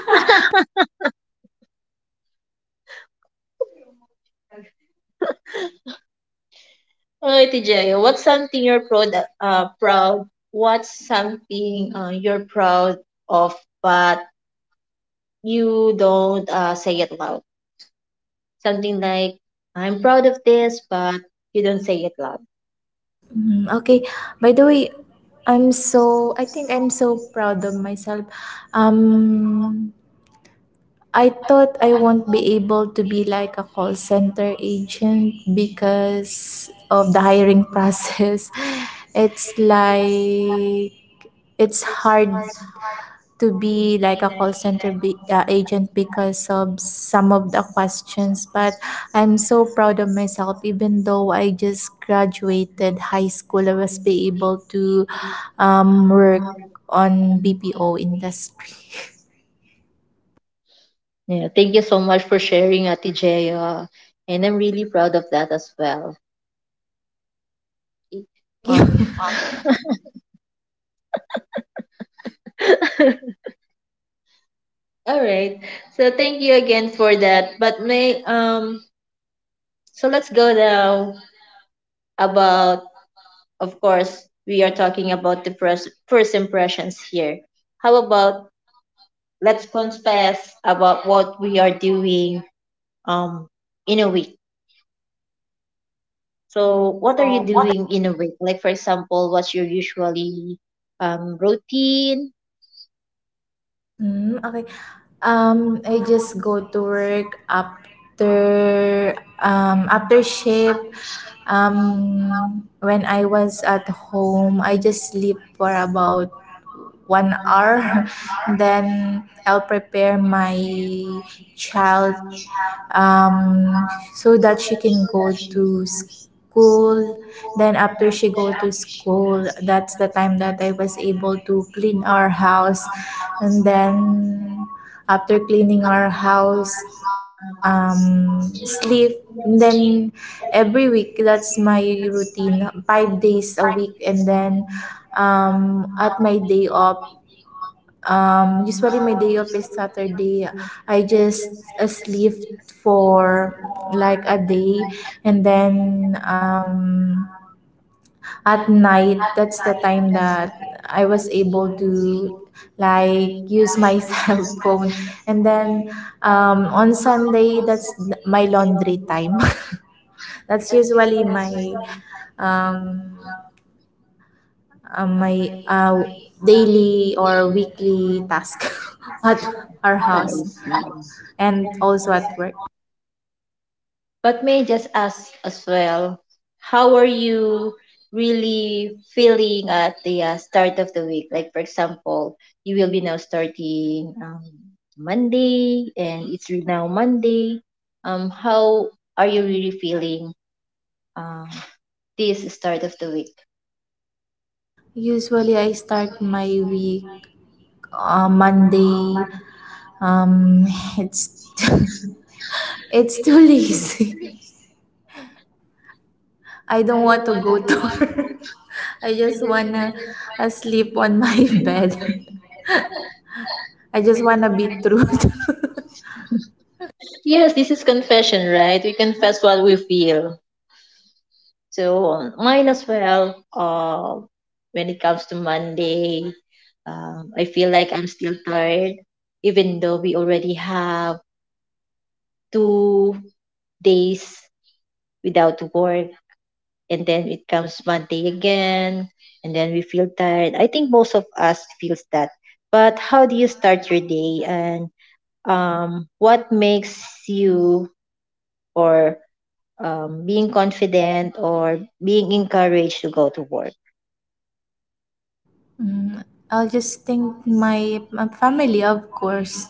Speaker 1: Alright, TJ, what's something you're proud? What's something you're proud of, but you don't say it loud? Something like, I'm proud of this, but you don't say it loud.
Speaker 2: Mm, okay. By the way, I think I'm so proud of myself. Um I thought I won't be able to be like a call center agent because of the hiring process. It's like it's hard to be like a call center agent because of some of the questions. But I'm so proud of myself, even though I just graduated high school, I was be able to work on BPO industry.
Speaker 1: Yeah, thank you so much for sharing, Ate Jay, and I'm really proud of that as well.
Speaker 2: Thank you.
Speaker 1: Um, all right. So thank you again for that. But may so let's go now about. Of course, we are talking about the first impressions here. How about let's confess about what we are doing um in a week. So, what are you
Speaker 2: So what...
Speaker 1: doing in a week? Like for example, what's your usually routine?
Speaker 2: Mm, okay. I just go to work after after shift. When I was at home, I just sleep for about 1 hour. Then I'll prepare my child um so that she can go to school... school. Then after she go to school, that's the time that I was able to clean our house, and then after cleaning our house, sleep. And then every week that's my routine, 5 days a week. And then at my day off, usually my day off is Saturday. I just sleep for like a day, and then at night that's the time that I was able to like use my cell phone. And then on Sunday that's my laundry time. That's usually my um, uh, my uh, daily or weekly task at our
Speaker 1: I
Speaker 2: house
Speaker 1: see.
Speaker 2: and also at work.
Speaker 1: But may I just ask as well, how are you really feeling at the start of the week? Like, for example, you will be now starting Monday, and it's now Monday. How are you really feeling um, this start of the week?
Speaker 2: Usually, I start my week Monday. Um, it's it's too lazy. I don't want to go to work. I just wanna sleep on my bed. I just wanna be through.
Speaker 1: Yes, this is confession, right? We confess what we feel. So mine as well. When it comes to Monday, I feel like I'm still tired, even though we already have 2 days without work, and then it comes Monday again, and then we feel tired. I think most of us feels that. But how do you start your day, and what makes you or being confident or being encouraged to go to work?
Speaker 2: Mm, I'll just think my, my family, of course,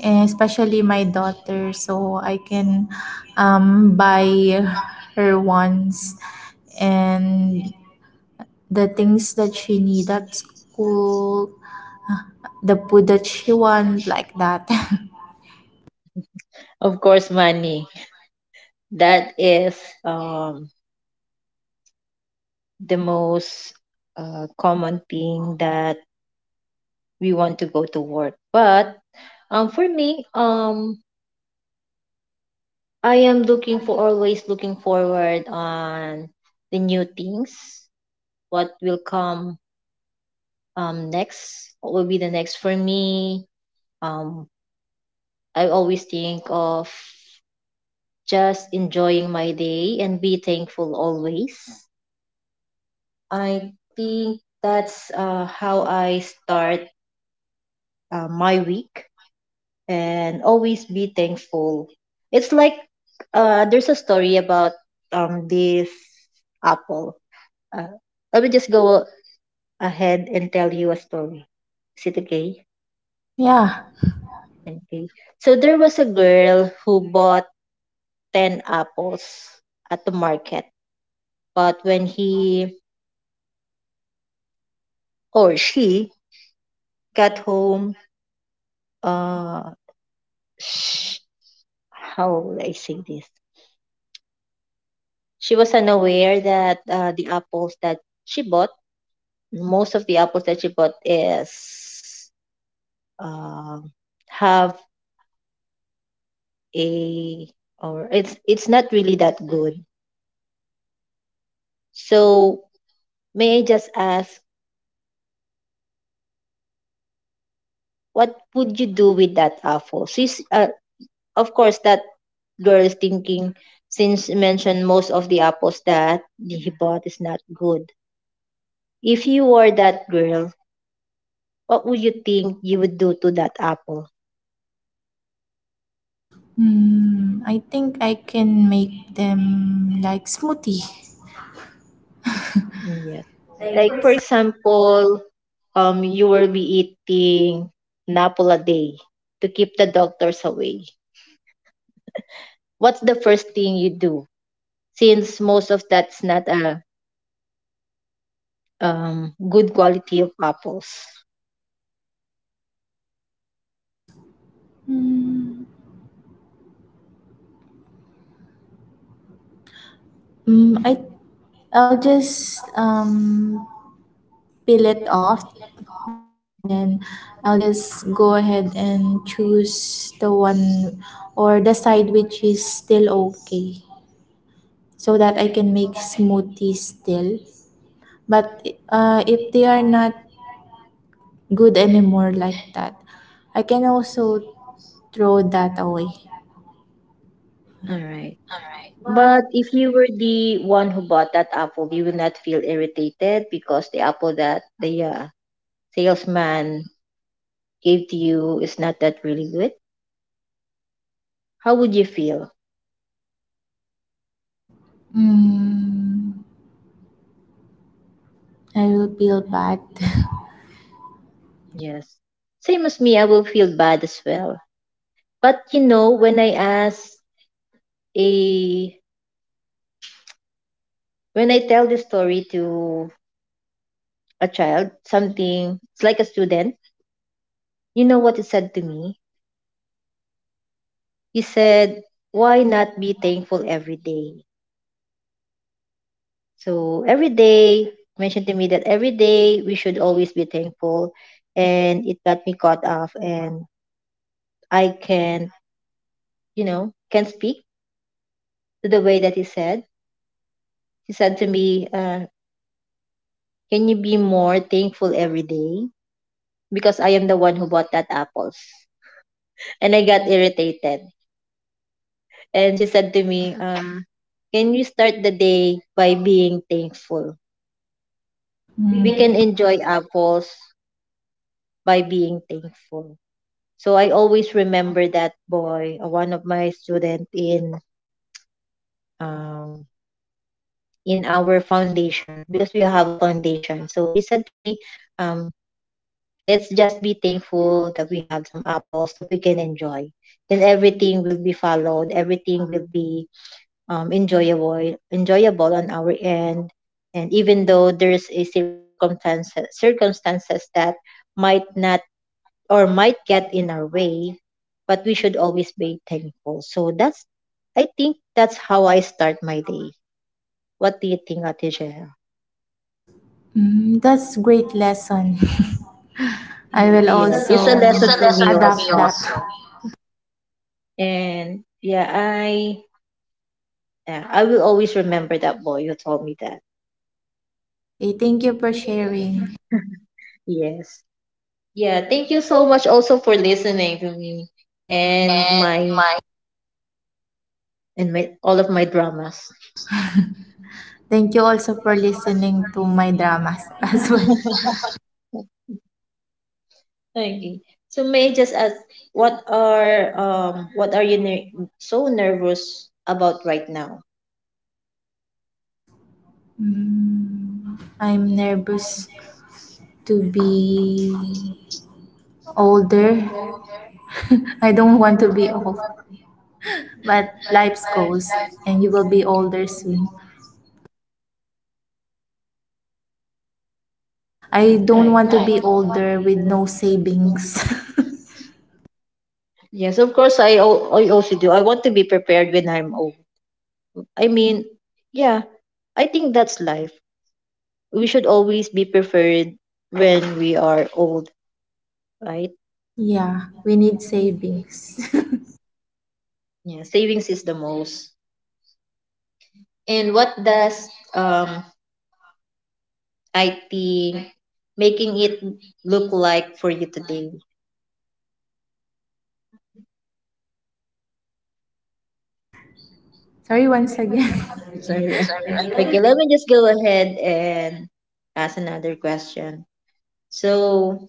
Speaker 2: eh, especially my daughter, so I can buy her wants and the things that she need at school, uh, the food that she want, like that.
Speaker 1: Of course, money. That is um, the most common thing that we want to go to work. But for me, I am looking for always looking forward on the new things. What will come next? What will be the next for me? Um, I always think of just enjoying my day and be thankful always. I think that's how I start my week and always be thankful. It's like there's a story about this apple. Uh, Let me just go ahead and tell you a story. Is it okay?
Speaker 2: Yeah,
Speaker 1: Okay. So there was a girl who bought 10 apples at the market. But when he or she got home, uh, sh- how will I say this? She was unaware that the apples that she bought most of the apples that you bought is uh, have a or it's not really that good. So may I just ask, what would you do with that apple? She's Of course that girl is thinking, since you mentioned most of the apples that he bought is not good. If you were that girl, what would you think you would do to that apple?
Speaker 2: I think I can make them like smoothie.
Speaker 1: Yes. Like for example, you will be eating napol a day to keep the doctors away. What's the first thing you do? Since most of that's not a good quality of apples.
Speaker 2: Mm, mm, I I'll just peel it off, and then I'll just go ahead and choose the one or the side which is still okay, so that I can make smoothies still. But if they are not good anymore, like that, I can also throw that away.
Speaker 1: All right.
Speaker 2: Alright.
Speaker 1: But if you were the one who bought that apple, you will not feel irritated because the apple that the salesman gave to you is not that really good. How would you feel?
Speaker 2: Mm, I will feel bad.
Speaker 1: Yes. Same as me, I will feel bad as well. But when I ask a When I tell this story to a child, something, it's like a student, you know what he said to me? He said, "Why not be thankful every day?" So every day, mentioned to me that every day we should always be thankful. And it got me caught off, and I can, you know, can speak to the way that he said. He said to me, "Can you be more thankful every day?" Because I am the one who bought that apples. And I got irritated. And she said to me, "Can we start the day by being thankful? We can enjoy apples by being thankful." So I always remember that boy, one of my student um, in our foundation because we have a foundation. So he said to me, um, "Let's just be thankful that we have some apples that we can enjoy. Then everything will be followed. Everything will be enjoyable on our end, and even though there's a circumstances that might not or might get in our way, but we should always be thankful. So that's, I think, that's how I start my day. What do you think, Ate Jael?
Speaker 2: Mm, that's great lesson. I will
Speaker 1: Yes, it's a
Speaker 2: also... It's
Speaker 1: lesson
Speaker 2: a
Speaker 1: for
Speaker 2: lesson
Speaker 1: me
Speaker 2: adapt for me that.
Speaker 1: also.
Speaker 2: Also.
Speaker 1: And yeah, I will always remember that boy who told me that.
Speaker 2: Okay, thank you for sharing.
Speaker 1: Yes. Yeah, thank you so much also for listening to me and
Speaker 2: And
Speaker 1: my
Speaker 2: my...
Speaker 1: in my all of my dramas.
Speaker 2: Thank you also for listening to my dramas as well.
Speaker 1: Okay. So may I just ask, what are you so nervous about right now?
Speaker 2: Mm, I'm nervous to be older. I don't want to be old, but life goes and you will be older soon. I don't
Speaker 1: I
Speaker 2: want to
Speaker 1: don't
Speaker 2: be
Speaker 1: want.
Speaker 2: older with no savings.
Speaker 1: Yes, of course I also do. I want to be prepared when I'm old. I mean, yeah, I think that's life. We should always be prepared when we are old, right?
Speaker 2: Yeah, we need savings.
Speaker 1: Yeah, savings is the most. And what does um IT making it look like for you today?
Speaker 2: Sorry once again.
Speaker 1: Sorry. Okay, let me just go ahead and ask another question. So,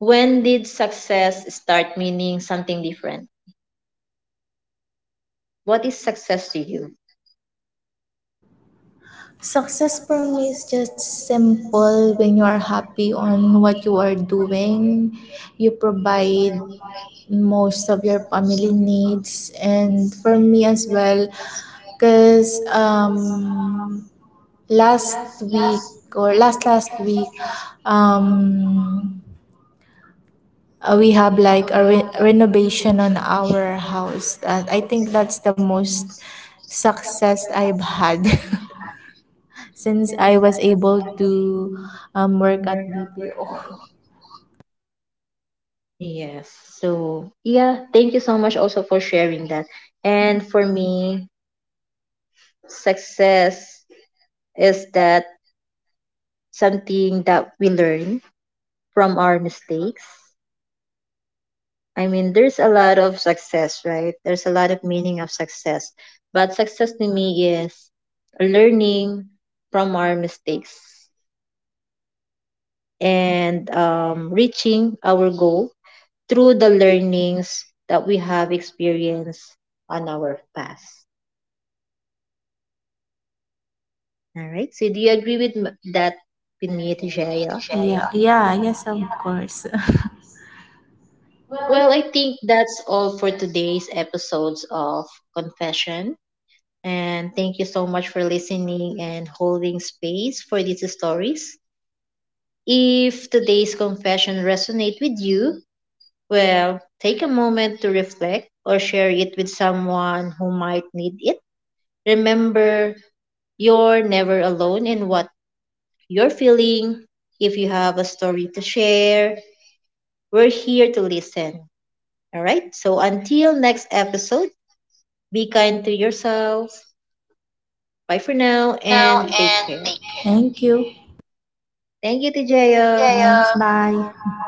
Speaker 1: when did success start meaning something different? What is success to you?
Speaker 2: Success for me is just simple when you are happy on what you are doing. You provide most of your family needs, and for me as well, because last week or last last week, um, we have like a renovation on our house. And I think that's the most success I've had since I was able to work at BPO.
Speaker 1: Yes. So, yeah, thank you so much also for sharing that. And for me, success is that something that we learn from our mistakes. I mean, there's a lot of success, right? There's a lot of meaning of success. But success to me is learning from our mistakes, and reaching our goal through the learnings that we have experienced on our past. All right. So, do you agree with that
Speaker 2: That
Speaker 1: with me,
Speaker 2: we... Yeah,
Speaker 1: Tijaya?
Speaker 2: Shea. Yeah, yes, of course.
Speaker 1: Well, I think that's all for today's episodes of Confession. And thank you so much for listening and holding space for these stories. If today's confession resonate with you, well, take a moment to reflect or share it with someone who might need it. Remember, you're never alone in what you're feeling. If you have a story to share, we're here to listen. All right? So until next episode, be kind to yourself. Bye for now
Speaker 2: For now,
Speaker 1: and take
Speaker 2: and
Speaker 1: care.
Speaker 2: take care. Thank you.
Speaker 1: Thank you,
Speaker 2: Thanks,
Speaker 1: Tijaya.
Speaker 2: Jaya. Thanks, bye.